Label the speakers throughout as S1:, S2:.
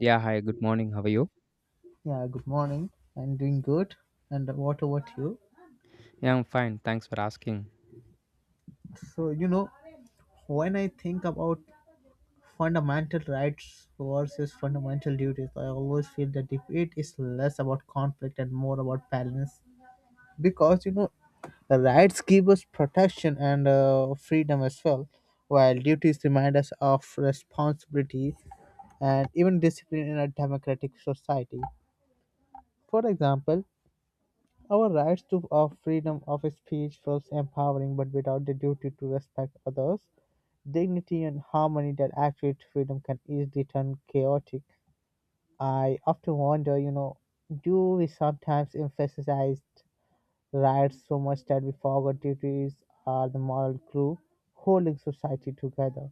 S1: Yeah, hi, good morning. How are you?
S2: Yeah, good morning. I'm doing good. And what about you?
S1: Yeah, I'm fine. Thanks for asking.
S2: So, you know, when I think about fundamental rights versus fundamental duties, I always feel the debate is less about conflict and more about balance. Because, you know, rights give us protection and freedom as well, while duties remind us of responsibility and even discipline in a democratic society. For example, our rights to of freedom of speech feels empowering, but without the duty to respect others, dignity and harmony that actual freedom can easily turn chaotic. I often wonder, do we sometimes emphasize rights so much that we forget duties are the moral glue holding society together?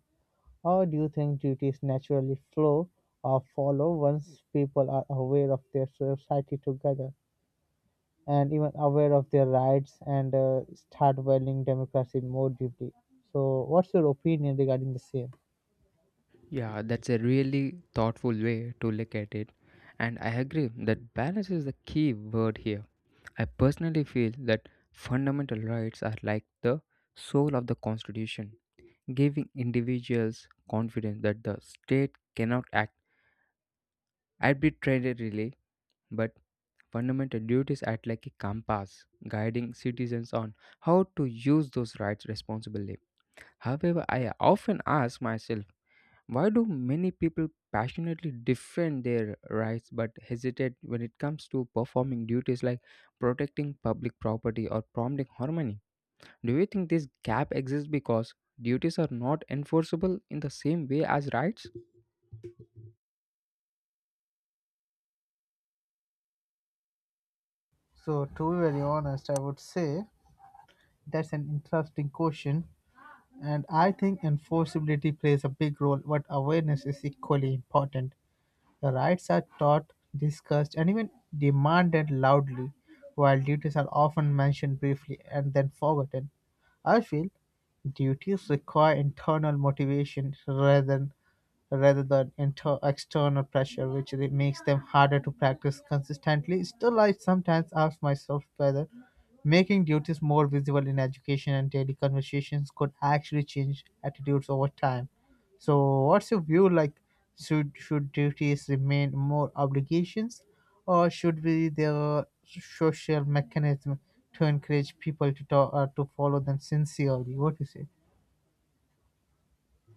S2: Or do you think duties naturally flow or follow once people are aware of their society together? And even aware of their rights and start valuing democracy more deeply. So, what's your opinion regarding the same?
S1: Yeah, that's a really thoughtful way to look at it. And I agree that balance is the key word here. I personally feel that fundamental rights are like the soul of the Constitution, giving individuals confidence that the state cannot act arbitrarily, but fundamental duties act like a compass, guiding citizens on how to use those rights responsibly. However, I often ask myself, why do many people passionately defend their rights but hesitate when it comes to performing duties like protecting public property or promoting harmony? Do you think this gap exists because duties are not enforceable in the same way as rights?
S2: So, to be very honest, I would say that's an interesting question, and I think enforceability plays a big role, but awareness is equally important. The rights are taught, discussed, and even demanded loudly, while duties are often mentioned briefly and then forgotten. I feel duties require internal motivation rather than external pressure, which makes them harder to practice consistently. Still, I sometimes ask myself whether making duties more visible in education and daily conversations could actually change attitudes over time. So, what's your view? Like, should duties remain more obligations, or should be the social mechanism to encourage people to talk, to follow them sincerely? What do you say?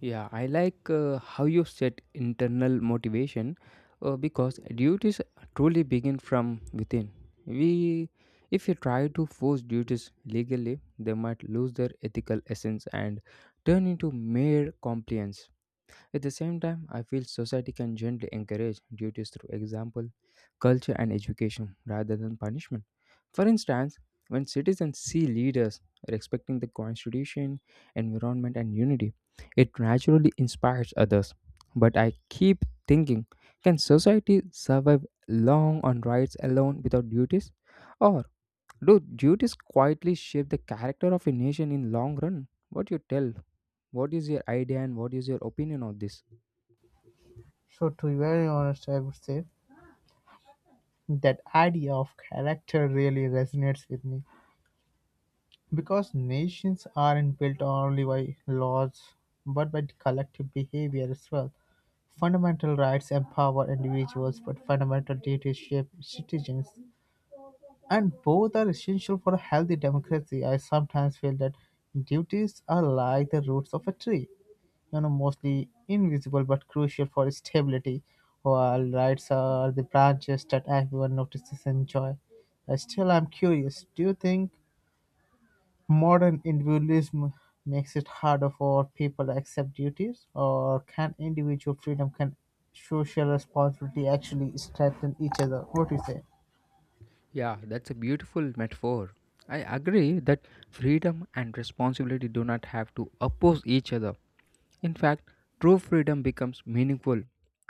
S1: Yeah, I like how you set internal motivation because duties truly begin from within. We, if you try to force duties legally, they might lose their ethical essence and turn into mere compliance. At the same time, I feel society can gently encourage duties through example, culture, and education rather than punishment. For instance, when citizens see leaders respecting the constitution, environment, and unity, it naturally inspires others. But I keep thinking, can society survive long on rights alone without duties? Or do duties quietly shape the character of a nation in long run? What you tell? What is your idea and what is your opinion on this?
S2: So, to be very honest, I would say that idea of character really resonates with me because nations aren't built only by laws but by the collective behavior as well. Fundamental rights empower individuals, but fundamental duties shape citizens, and both are essential for a healthy democracy. I sometimes feel that duties are like the roots of a tree, you know, mostly invisible but crucial for stability, while rights are the branches that everyone notices and enjoy. Still I'm curious, do you think modern individualism makes it harder for people to accept duties, or can individual freedom can social responsibility actually strengthen each other? What do you say?
S1: Yeah, that's a beautiful metaphor. I agree that freedom and responsibility do not have to oppose each other. In fact, true freedom becomes meaningful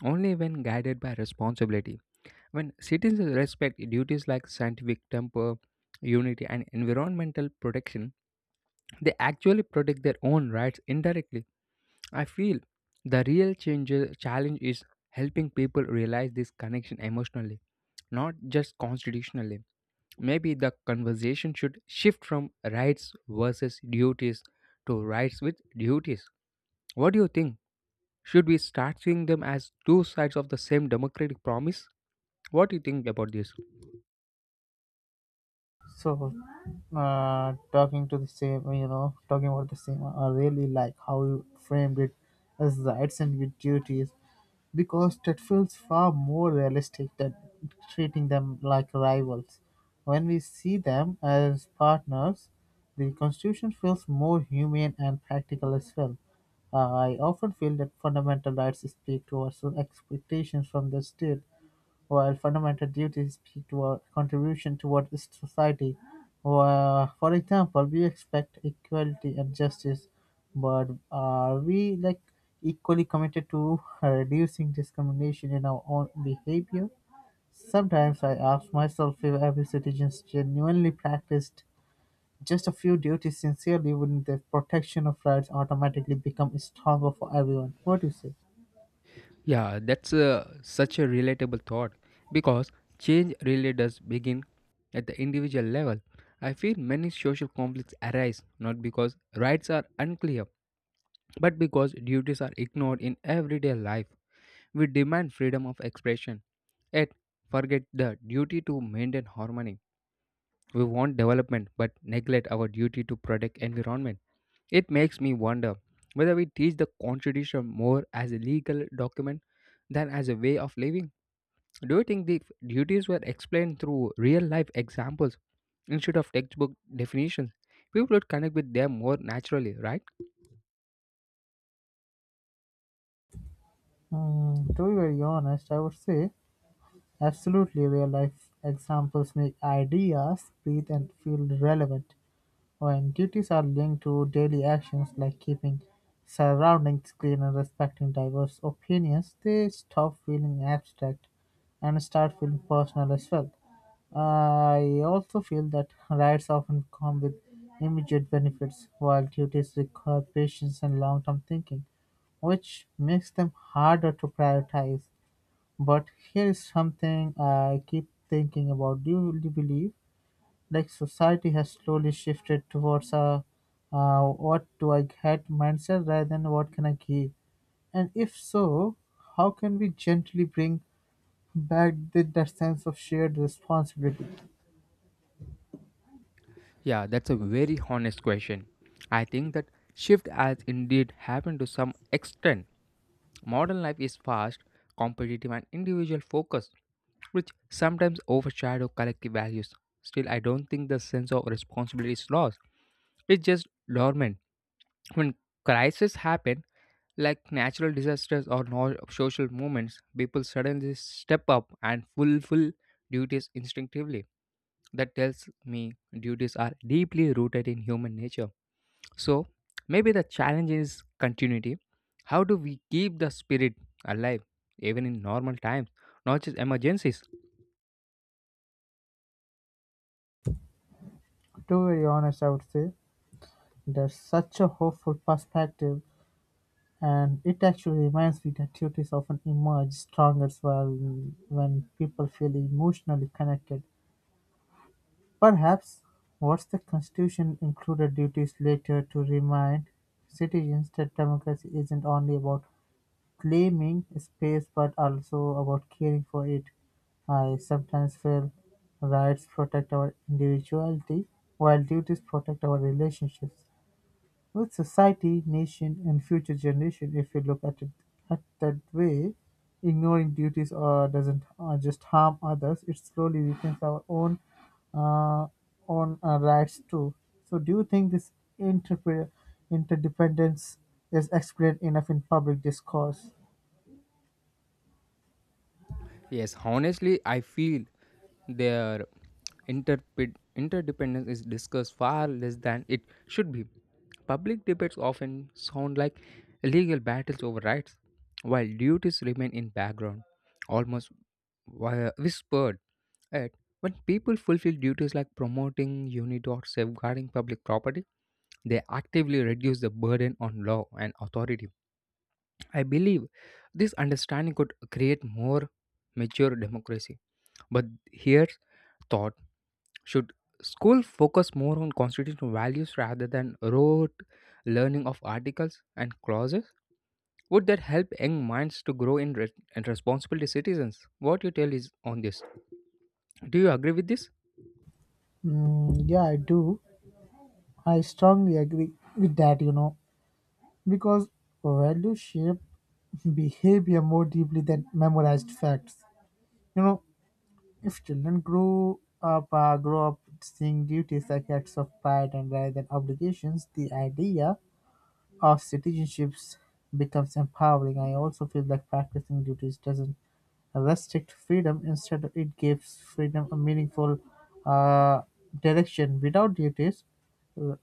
S1: only when guided by responsibility. When citizens respect duties like scientific temper, unity, and environmental protection, they actually protect their own rights indirectly. I feel the real change, challenge is helping people realize this connection emotionally, not just constitutionally. Maybe the conversation should shift from rights versus duties to rights with duties. What do you think? Should we start seeing them as two sides of the same democratic promise? What do you think about this?
S2: So, talking about the same, I really like how you framed it as rights and with duties because that feels far more realistic than treating them like rivals. When we see them as partners, the Constitution feels more humane and practical as well. I often feel that fundamental rights speak to our expectations from the state while fundamental duties speak to our contribution toward the society. For example, we expect equality and justice, but are we like equally committed to reducing discrimination in our own behavior? Sometimes I ask myself, if every citizen genuinely practiced just a few duties sincerely, wouldn't the protection of rights automatically become stronger for everyone? What do you say?
S1: Yeah, that's such a relatable thought because change really does begin at the individual level. I feel many social conflicts arise not because rights are unclear, but because duties are ignored in everyday life. We demand freedom of expression, yet forget the duty to maintain harmony. We want development but neglect our duty to protect environment. It makes me wonder whether we teach the constitution more as a legal document than as a way of living. Do you think the duties were explained through real life examples instead of textbook definitions? People would connect with them more naturally, right?
S2: Mm, to be very honest, I would say absolutely, real-life examples make ideas breathe and feel relevant. When duties are linked to daily actions like keeping surroundings clean and respecting diverse opinions, they stop feeling abstract and start feeling personal as well. I also feel that rights often come with immediate benefits, while duties require patience and long-term thinking, which makes them harder to prioritize. But here is something I keep thinking about. Do you really believe, like, society has slowly shifted towards a what do I get mindset rather than what can I give? And if so, how can we gently bring back that sense of shared responsibility?
S1: Yeah, that's a very honest question. I think that shift has indeed happened to some extent. Modern life is fast, competitive, and individual focused, which sometimes overshadow collective values. Still, I don't think the sense of responsibility is lost. It's just dormant. When crises happen, like natural disasters or social movements, people suddenly step up and fulfill duties instinctively. That tells me duties are deeply rooted in human nature. So maybe the challenge is continuity. How do we keep the spirit alive even in normal times, not just emergencies?
S2: To be very honest, I would say that's such a hopeful perspective, and it actually reminds me that duties often emerge stronger as well when people feel emotionally connected. Perhaps what the Constitution included duties later to remind citizens that democracy isn't only about claiming space but also about caring for it. I sometimes feel rights protect our individuality while duties protect our relationships. With society, nation, and future generation, if you look at it at that way, ignoring duties or doesn't or just harm others, it slowly weakens our uh, own rights too. So, do you think this interpre- interdependence is explained enough in public discourse?
S1: Yes, honestly, I feel their interdependence is discussed far less than it should be. Public debates often sound like legal battles over rights, while duties remain in background, almost whispered at. When people fulfill duties like promoting unity or safeguarding public property, they actively reduce the burden on law and authority. I believe this understanding could create more mature democracy. But here's thought, should school focus more on constitutional values rather than rote learning of articles and clauses? Would that help young minds to grow in re- and responsible citizens? What you tell is on this. Do you agree with this?
S2: Mm, yeah, I do. I strongly agree with that. You know, because values shape behavior more deeply than memorized facts. You know, if children grow up seeing duties as acts of pride and rather than obligations, the idea of citizenships becomes empowering. I also feel like practicing duties doesn't restrict freedom; instead, it gives freedom a meaningful uh, direction. Without duties, r-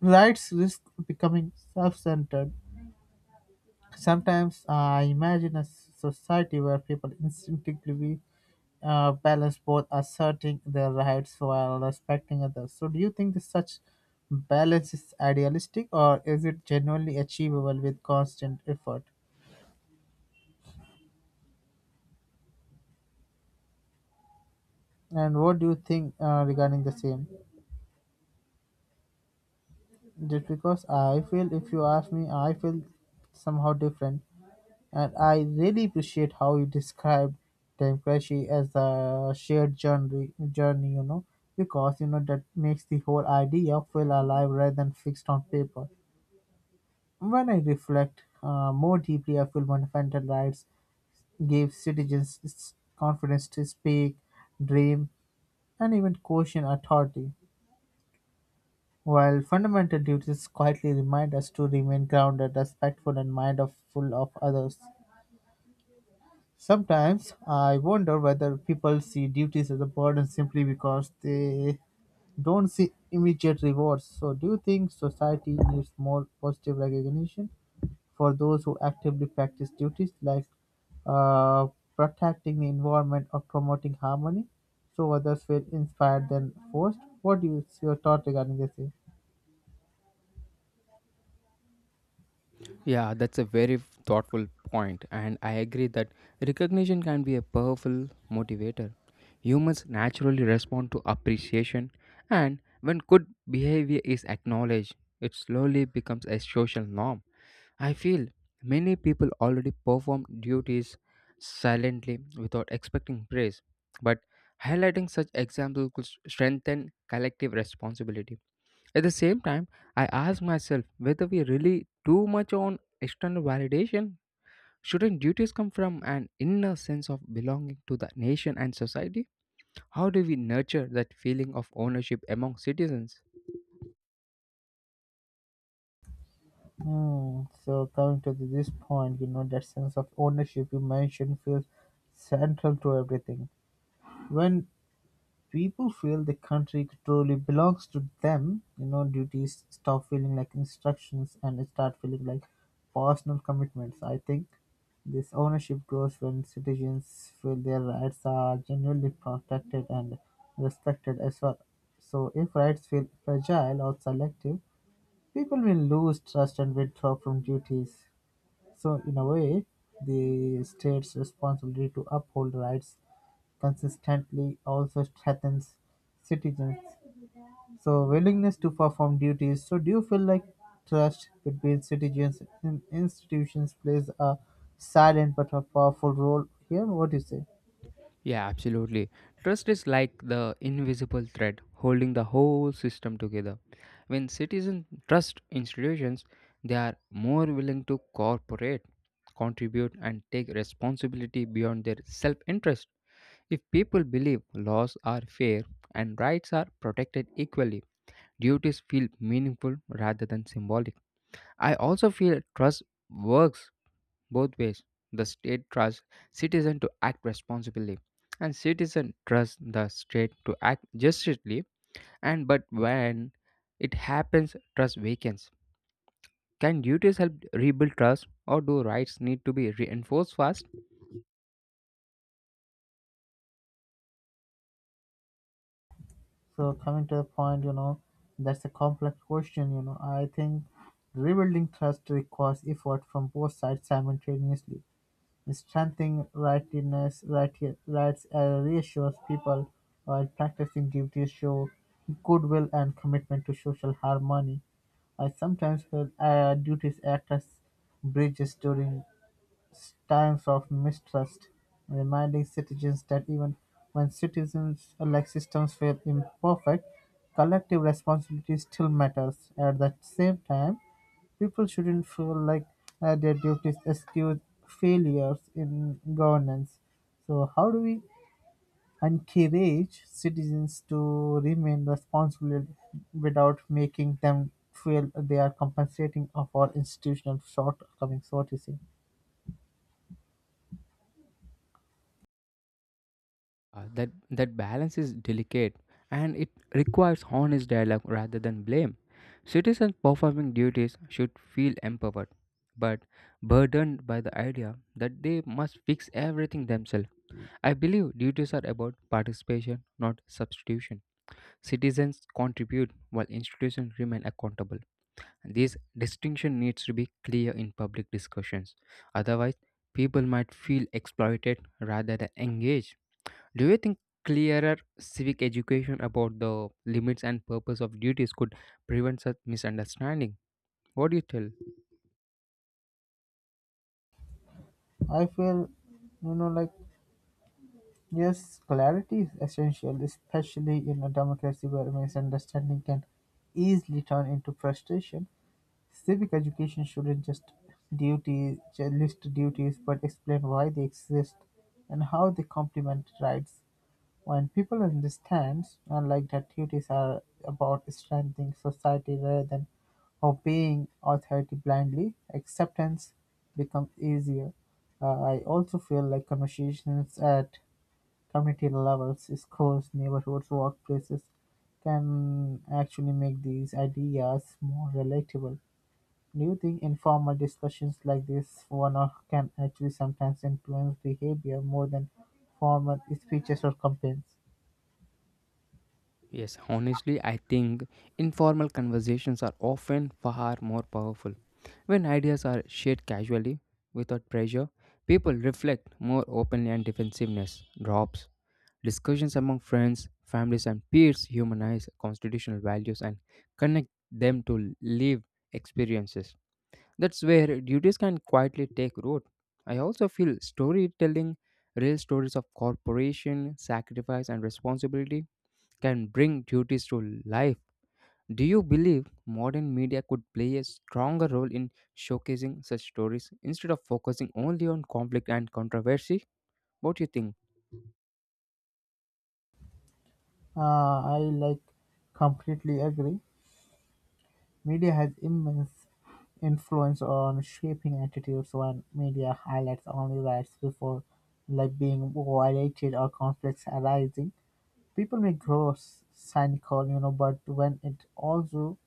S2: rights risk becoming self-centered. Sometimes I imagine a society where people instinctively balance both asserting their rights while respecting others. So, do you think that such balance is idealistic or is it genuinely achievable with constant effort? And what do you think regarding the same? Just because I feel, if you ask me, I feel somehow different, and I really appreciate how you described democracy as a shared journey. Journey, you know, because you know that makes the whole idea feel alive rather than fixed on paper. When I reflect more deeply, I feel my fundamental rights gave citizens confidence to speak, dream, and even question authority, while fundamental duties quietly remind us to remain grounded, respectful, and mindful of others. Sometimes I wonder whether people see duties as a burden simply because they don't see immediate rewards. So, do you think society needs more positive recognition for those who actively practice duties like uh, protecting the environment or promoting harmony so others feel inspired than forced? What do you, your thought regarding this? Is?
S1: Yeah, that's a very thoughtful point, and I agree that recognition can be a powerful motivator. Humans naturally respond to appreciation, and when good behavior is acknowledged, it slowly becomes a social norm. I feel many people already perform duties silently without expecting praise, but highlighting such examples could strengthen collective responsibility. At the same time, I ask myself whether we rely too much on external validation. Shouldn't duties come from an inner sense of belonging to the nation and society? How do we nurture that feeling of ownership among citizens?
S2: Hmm. So coming to this point, you know that sense of ownership you mentioned feels central to everything when people feel the country truly belongs to them, you know, duties stop feeling like instructions and start feeling like personal commitments. I think this ownership grows when citizens feel their rights are genuinely protected and respected as well. So, if rights feel fragile or selective, people will lose trust and withdraw from duties. So, in a way, the state's responsibility to uphold rights consistently also threatens citizens. So willingness to perform duties. So do you feel like trust between citizens and institutions plays a silent but a powerful role here? What do you say?
S1: Yeah, absolutely. Trust is like the invisible thread holding the whole system together. When citizens trust institutions, they are more willing to cooperate, contribute, and take responsibility beyond their self interest. If people believe laws are fair and rights are protected equally, duties feel meaningful rather than symbolic. I also feel trust works both ways, the state trusts citizen to act responsibly, and citizen trusts the state to act justly. And but when it happens, trust weakens. Can duties help rebuild trust, or do rights need to be reinforced first?
S2: So coming to the point, you know, that's a complex question, you know. I think rebuilding trust requires effort from both sides simultaneously. Strengthening righteousness reassures people while practicing duties show goodwill and commitment to social harmony. I sometimes feel duties act as bridges during times of mistrust, reminding citizens that even when citizens like systems feel imperfect, collective responsibility still matters. At the same time, people shouldn't feel like their duties excuse failures in governance. So, how do we encourage citizens to remain responsible without making them feel they are compensating for institutional shortcomings? What you say?
S1: That balance is delicate, and it requires honest dialogue rather than blame. Citizens performing duties should feel empowered, but burdened by the idea that they must fix everything themselves. I believe duties are about participation, not substitution. Citizens contribute while institutions remain accountable. This distinction needs to be clear in public discussions. Otherwise, people might feel exploited rather than engaged. Do you think clearer civic education about the limits and purpose of duties could prevent such misunderstanding? What do you tell?
S2: I feel, you know, like yes, clarity is essential, especially in a democracy where misunderstanding can easily turn into frustration. Civic education shouldn't just duty list duties but explain why they exist and how they complement rights. When people understand, unlike that duties are about strengthening society rather than obeying authority blindly, acceptance becomes easier. I also feel like conversations at community levels, schools, neighborhoods, workplaces can actually make these ideas more relatable. Do you think informal discussions like this one off can actually sometimes influence behavior more than formal speeches or campaigns?
S1: Yes, honestly, I think informal conversations are often far more powerful. When ideas are shared casually, without pressure, people reflect more openly and defensiveness drops. Discussions among friends, families, and peers humanize constitutional values and connect them to lived experiences. That's where duties can quietly take root. I also feel storytelling, real stories of corporation, sacrifice, and responsibility can bring duties to life. Do you believe modern media could play a stronger role in showcasing such stories instead of focusing only on conflict and controversy? What do you think?
S2: I completely agree. Media has immense influence on shaping attitudes when media highlights only rights before like being violated or conflicts arising. People may grow cynical, you know, but when it also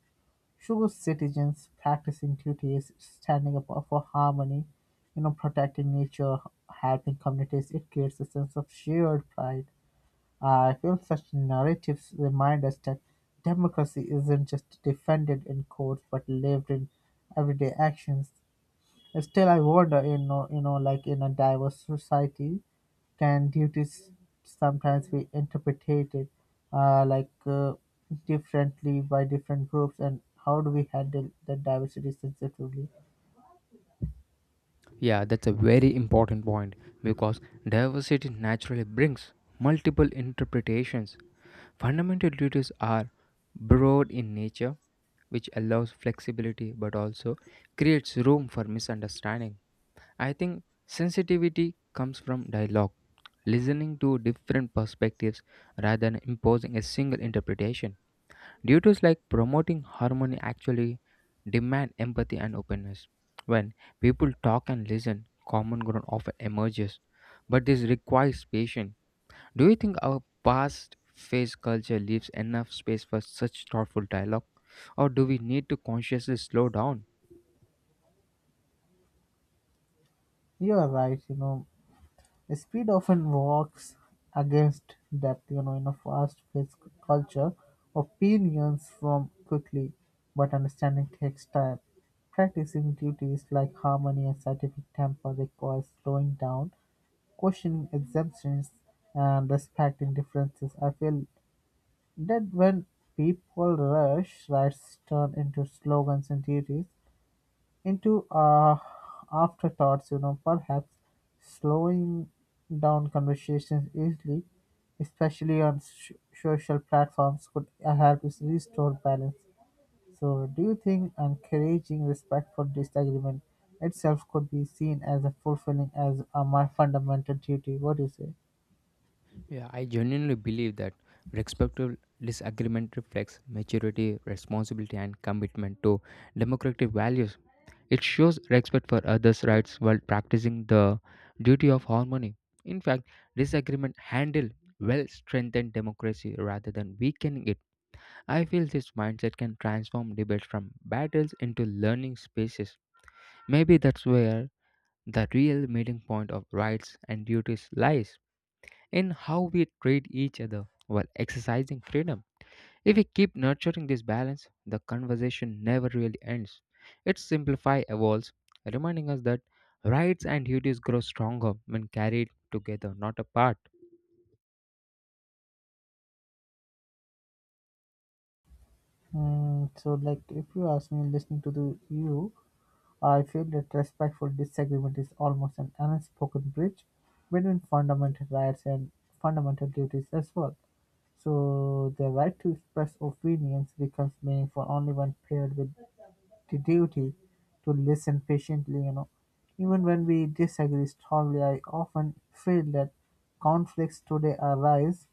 S2: shows citizens practicing duties, standing up for harmony, you know, protecting nature, helping communities. It creates a sense of shared pride. I feel such narratives remind us that democracy isn't just defended in courts but lived in everyday actions. Still, I wonder, like in a diverse society, can duties sometimes be interpreted uh, like uh, differently by different groups, and how do we handle the diversity sensitively?
S1: Yeah, that's a very important point because diversity naturally brings multiple interpretations. Fundamental duties are broad in nature, which allows flexibility but also creates room for misunderstanding. I think sensitivity comes from dialogue, listening to different perspectives rather than imposing a single interpretation. Duties like promoting harmony actually demand empathy and openness. When people talk and listen, common ground often emerges, but this requires patience. Do you think our past phase culture leaves enough space for such thoughtful dialogue, or do we need to consciously slow down?
S2: You are right. You know, speed often works against depth. You know, in a fast-paced culture, opinions form quickly, but understanding takes time. Practicing duties like harmony and scientific temper requires slowing down questioning exemptions and respecting differences. I feel that when people rush, rights turn into slogans and duties, into afterthoughts, you know, perhaps slowing down conversations easily, especially on social platforms, could help us restore balance. So, do you think encouraging respectful disagreement itself could be seen as a fulfilling as a my fundamental duty? What do you say?
S1: Yeah, I genuinely believe that respectful disagreement reflects maturity, responsibility, and commitment to democratic values. It shows respect for others' rights while practicing the duty of harmony. In fact, disagreement handled well strengthen democracy rather than weakening it. I feel this mindset can transform debates from battles into learning spaces. Maybe that's where the real meeting point of rights and duties lies in how we treat each other while exercising freedom. If we keep nurturing this balance, the conversation never really ends. Its simplify evolves, reminding us that rights and duties grow stronger when carried together, not apart.
S2: If you ask me, listening to the you, I feel that respectful disagreement is almost an unspoken bridge between fundamental rights and fundamental duties as well. So, the right to express opinions becomes meaningful only when paired with the duty to listen patiently. You know, even when we disagree strongly, I often feel that conflicts today arise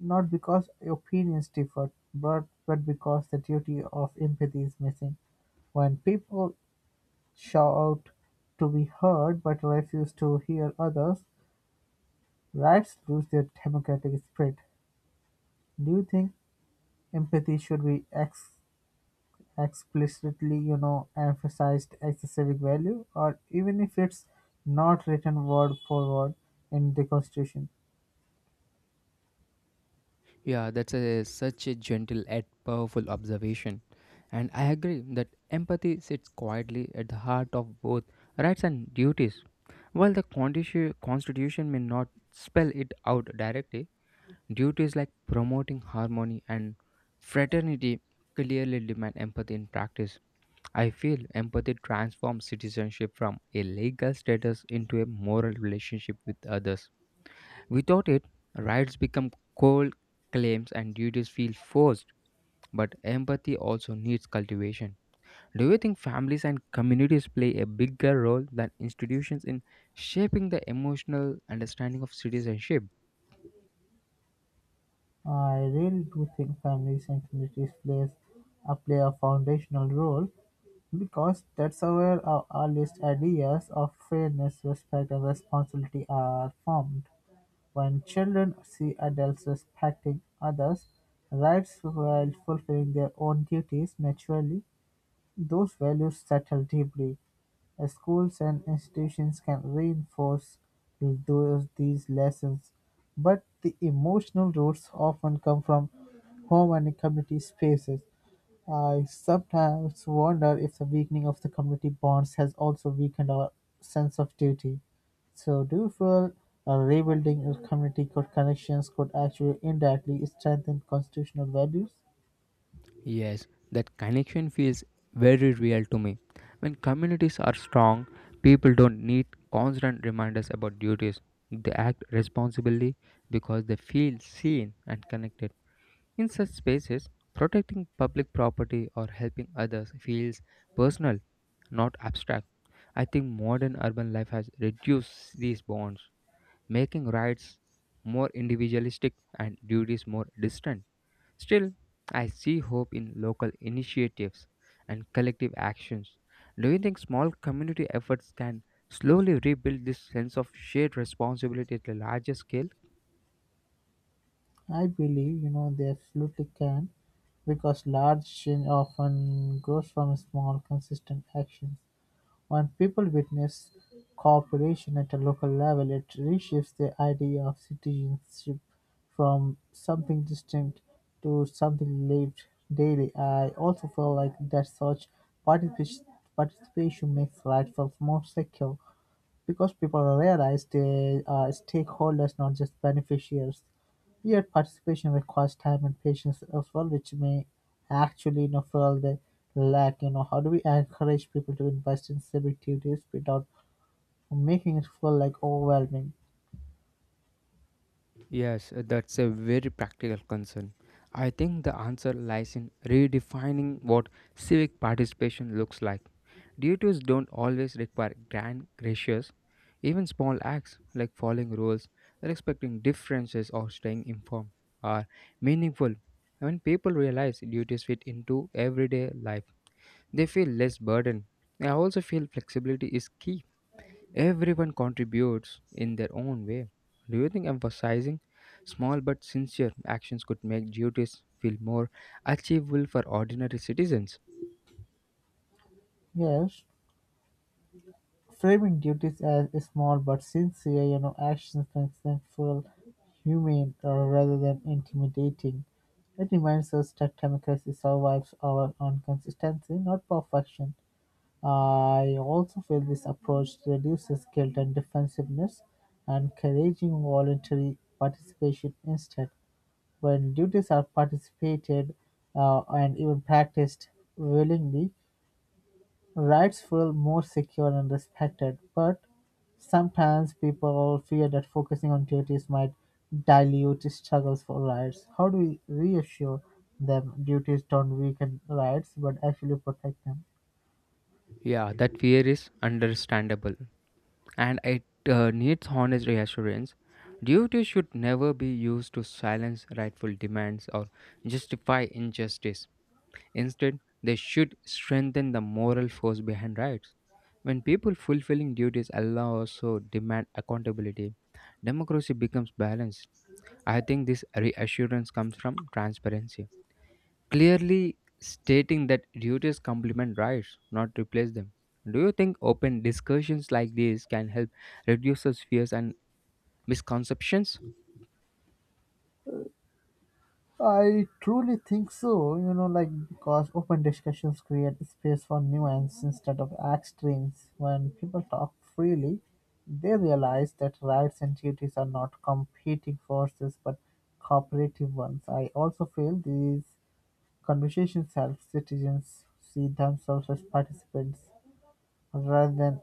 S2: not because opinions differed, but because the duty of empathy is missing. When people shout to be heard but refuse to hear others, rights lose their democratic spirit. Do you think empathy should be explicitly, emphasized as a civic value, or even if it's not written word for word in the Constitution?
S1: Yeah, that's a, such a gentle yet powerful observation. And I agree that empathy sits quietly at the heart of both rights and duties. While the Constitution may not spell it out directly, duties like promoting harmony and fraternity clearly demand empathy in practice. I feel empathy transforms citizenship from a legal status into a moral relationship with others. Without it, rights become cold claims and duties feel forced, but empathy also needs cultivation. Do you think families and communities play a bigger role than institutions in shaping the emotional understanding of citizenship?
S2: I really do think families and communities plays play a foundational role because that's where our earliest ideas of fairness, respect, and responsibility are formed. When children see adults respecting others' rights while fulfilling their own duties naturally, those values settle deeply, as schools and institutions can reinforce those these lessons, but the emotional roots often come from home and community spaces. I sometimes wonder if the weakening of the community bonds has also weakened our sense of duty. So, do you feel rebuilding your connections could actually indirectly strengthen constitutional values?
S1: Yes, that connection feels very real to me. When communities are strong, people don't need constant reminders about duties. They act responsibly because they feel seen and connected. In such spaces, protecting public property or helping others feels personal, not abstract. I think modern urban life has reduced these bonds, making rights more individualistic and duties more distant. Still, I see hope in local initiatives and collective actions. Do you think small community efforts can slowly rebuild this sense of shared responsibility at a larger scale?
S2: I believe they absolutely can, because large change often grows from small, consistent actions. When people witness cooperation at a local level, it reshapes the idea of citizenship from something distinct to something lived daily. I also feel like that such particip- participation makes life more secure. Because people realize they are stakeholders not just beneficiaries, yet participation requires time and patience as well, which may actually fuel the lack. You know, how do we encourage people to invest in civic duties without making it feel like overwhelming?
S1: Yes, that's a very practical concern. I think the answer lies in redefining what civic participation looks like. Duties don't always require grand gestures. Even small acts like following rules, respecting differences, or staying informed are meaningful. When people realize duties fit into everyday life, they feel less burdened. I also feel flexibility is key. Everyone contributes in their own way. Do you think emphasizing small but sincere actions could make duties feel more achievable for ordinary citizens?
S2: Yes, framing duties as small but sincere, actions makes them feel humane rather than intimidating. It reminds us that democracy survives our on consistency, not perfection. I also feel this approach reduces guilt and defensiveness, encouraging voluntary participation instead. When duties are participated and even practiced willingly, rights feel more secure and respected. But sometimes people fear that focusing on duties might dilute struggles for rights. How do we reassure them duties don't weaken rights but actually protect them?
S1: Yeah, that fear is understandable, and it needs honest reassurance. Duty should never be used to silence rightful demands or justify injustice. Instead, they should strengthen the moral force behind rights. When people fulfilling duties allow also demand accountability, democracy becomes balanced. I think this reassurance comes from transparency, clearly stating that duties complement rights, not replace them. Do you think open discussions like these can help reduce those fears and misconceptions?
S2: I truly think so, because open discussions create space for nuance instead of extremes. When people talk freely, they realize that rights and duties are not competing forces but cooperative ones. I also feel these conversations help citizens see themselves as participants rather than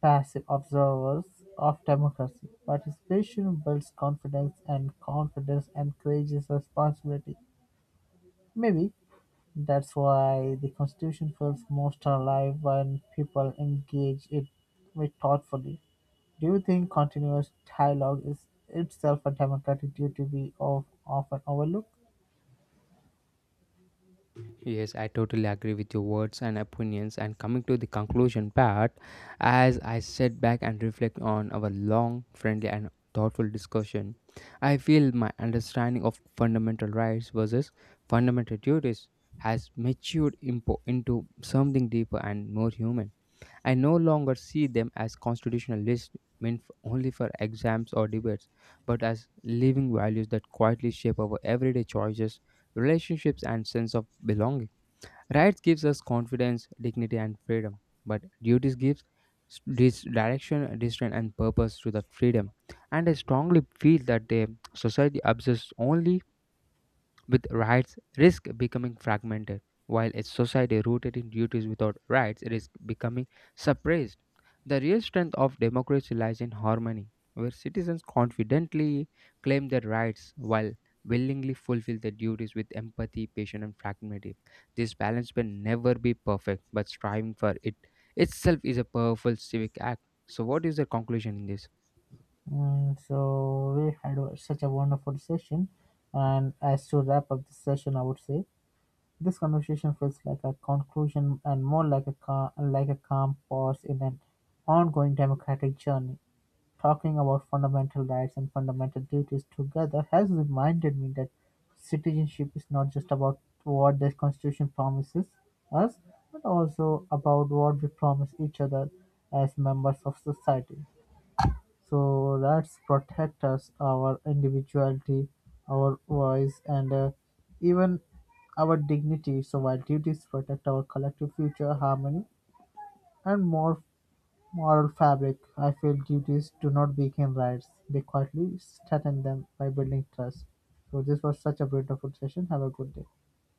S2: passive observers of democracy. Participation builds confidence, and confidence encourages responsibility. Maybe that's why the Constitution feels most alive when people engage it with thoughtfully. Do you think continuous dialogue is itself a democratic duty we often overlook?
S1: Yes, I totally agree with your words and opinions. And coming to the conclusion part, as I sit back and reflect on our long, friendly, and thoughtful discussion, I feel my understanding of fundamental rights versus fundamental duties has matured into something deeper and more human. I no longer see them as constitutional lists meant only for exams or debates, but as living values that quietly shape our everyday choices, relationships, and sense of belonging. Rights gives us confidence, dignity, and freedom, but duties gives direction, restraint, and purpose to that freedom. And I strongly feel that the society obsesses only with rights risk becoming fragmented, while a society rooted in duties without rights risk becoming suppressed. The real strength of democracy lies in harmony, where citizens confidently claim their rights while willingly fulfill their duties with empathy, patience, and fraternity. This balance will never be perfect, but striving for it itself is a powerful civic act. So, what is the conclusion in this?
S2: So we had such a wonderful session, and as to wrap up the session, I would say this conversation feels like a conclusion and more like a calm pause in an ongoing democratic journey. Talking about fundamental rights and fundamental duties together has reminded me that citizenship is not just about what the Constitution promises us, but also about what we promise each other as members of society. So rights protect us, our individuality, our voice, and even our dignity. So while duties protect our collective future harmony and more moral fabric, I feel duties do not become rights. They quietly strengthen them by building trust. So this was such a beautiful session. Have a good day.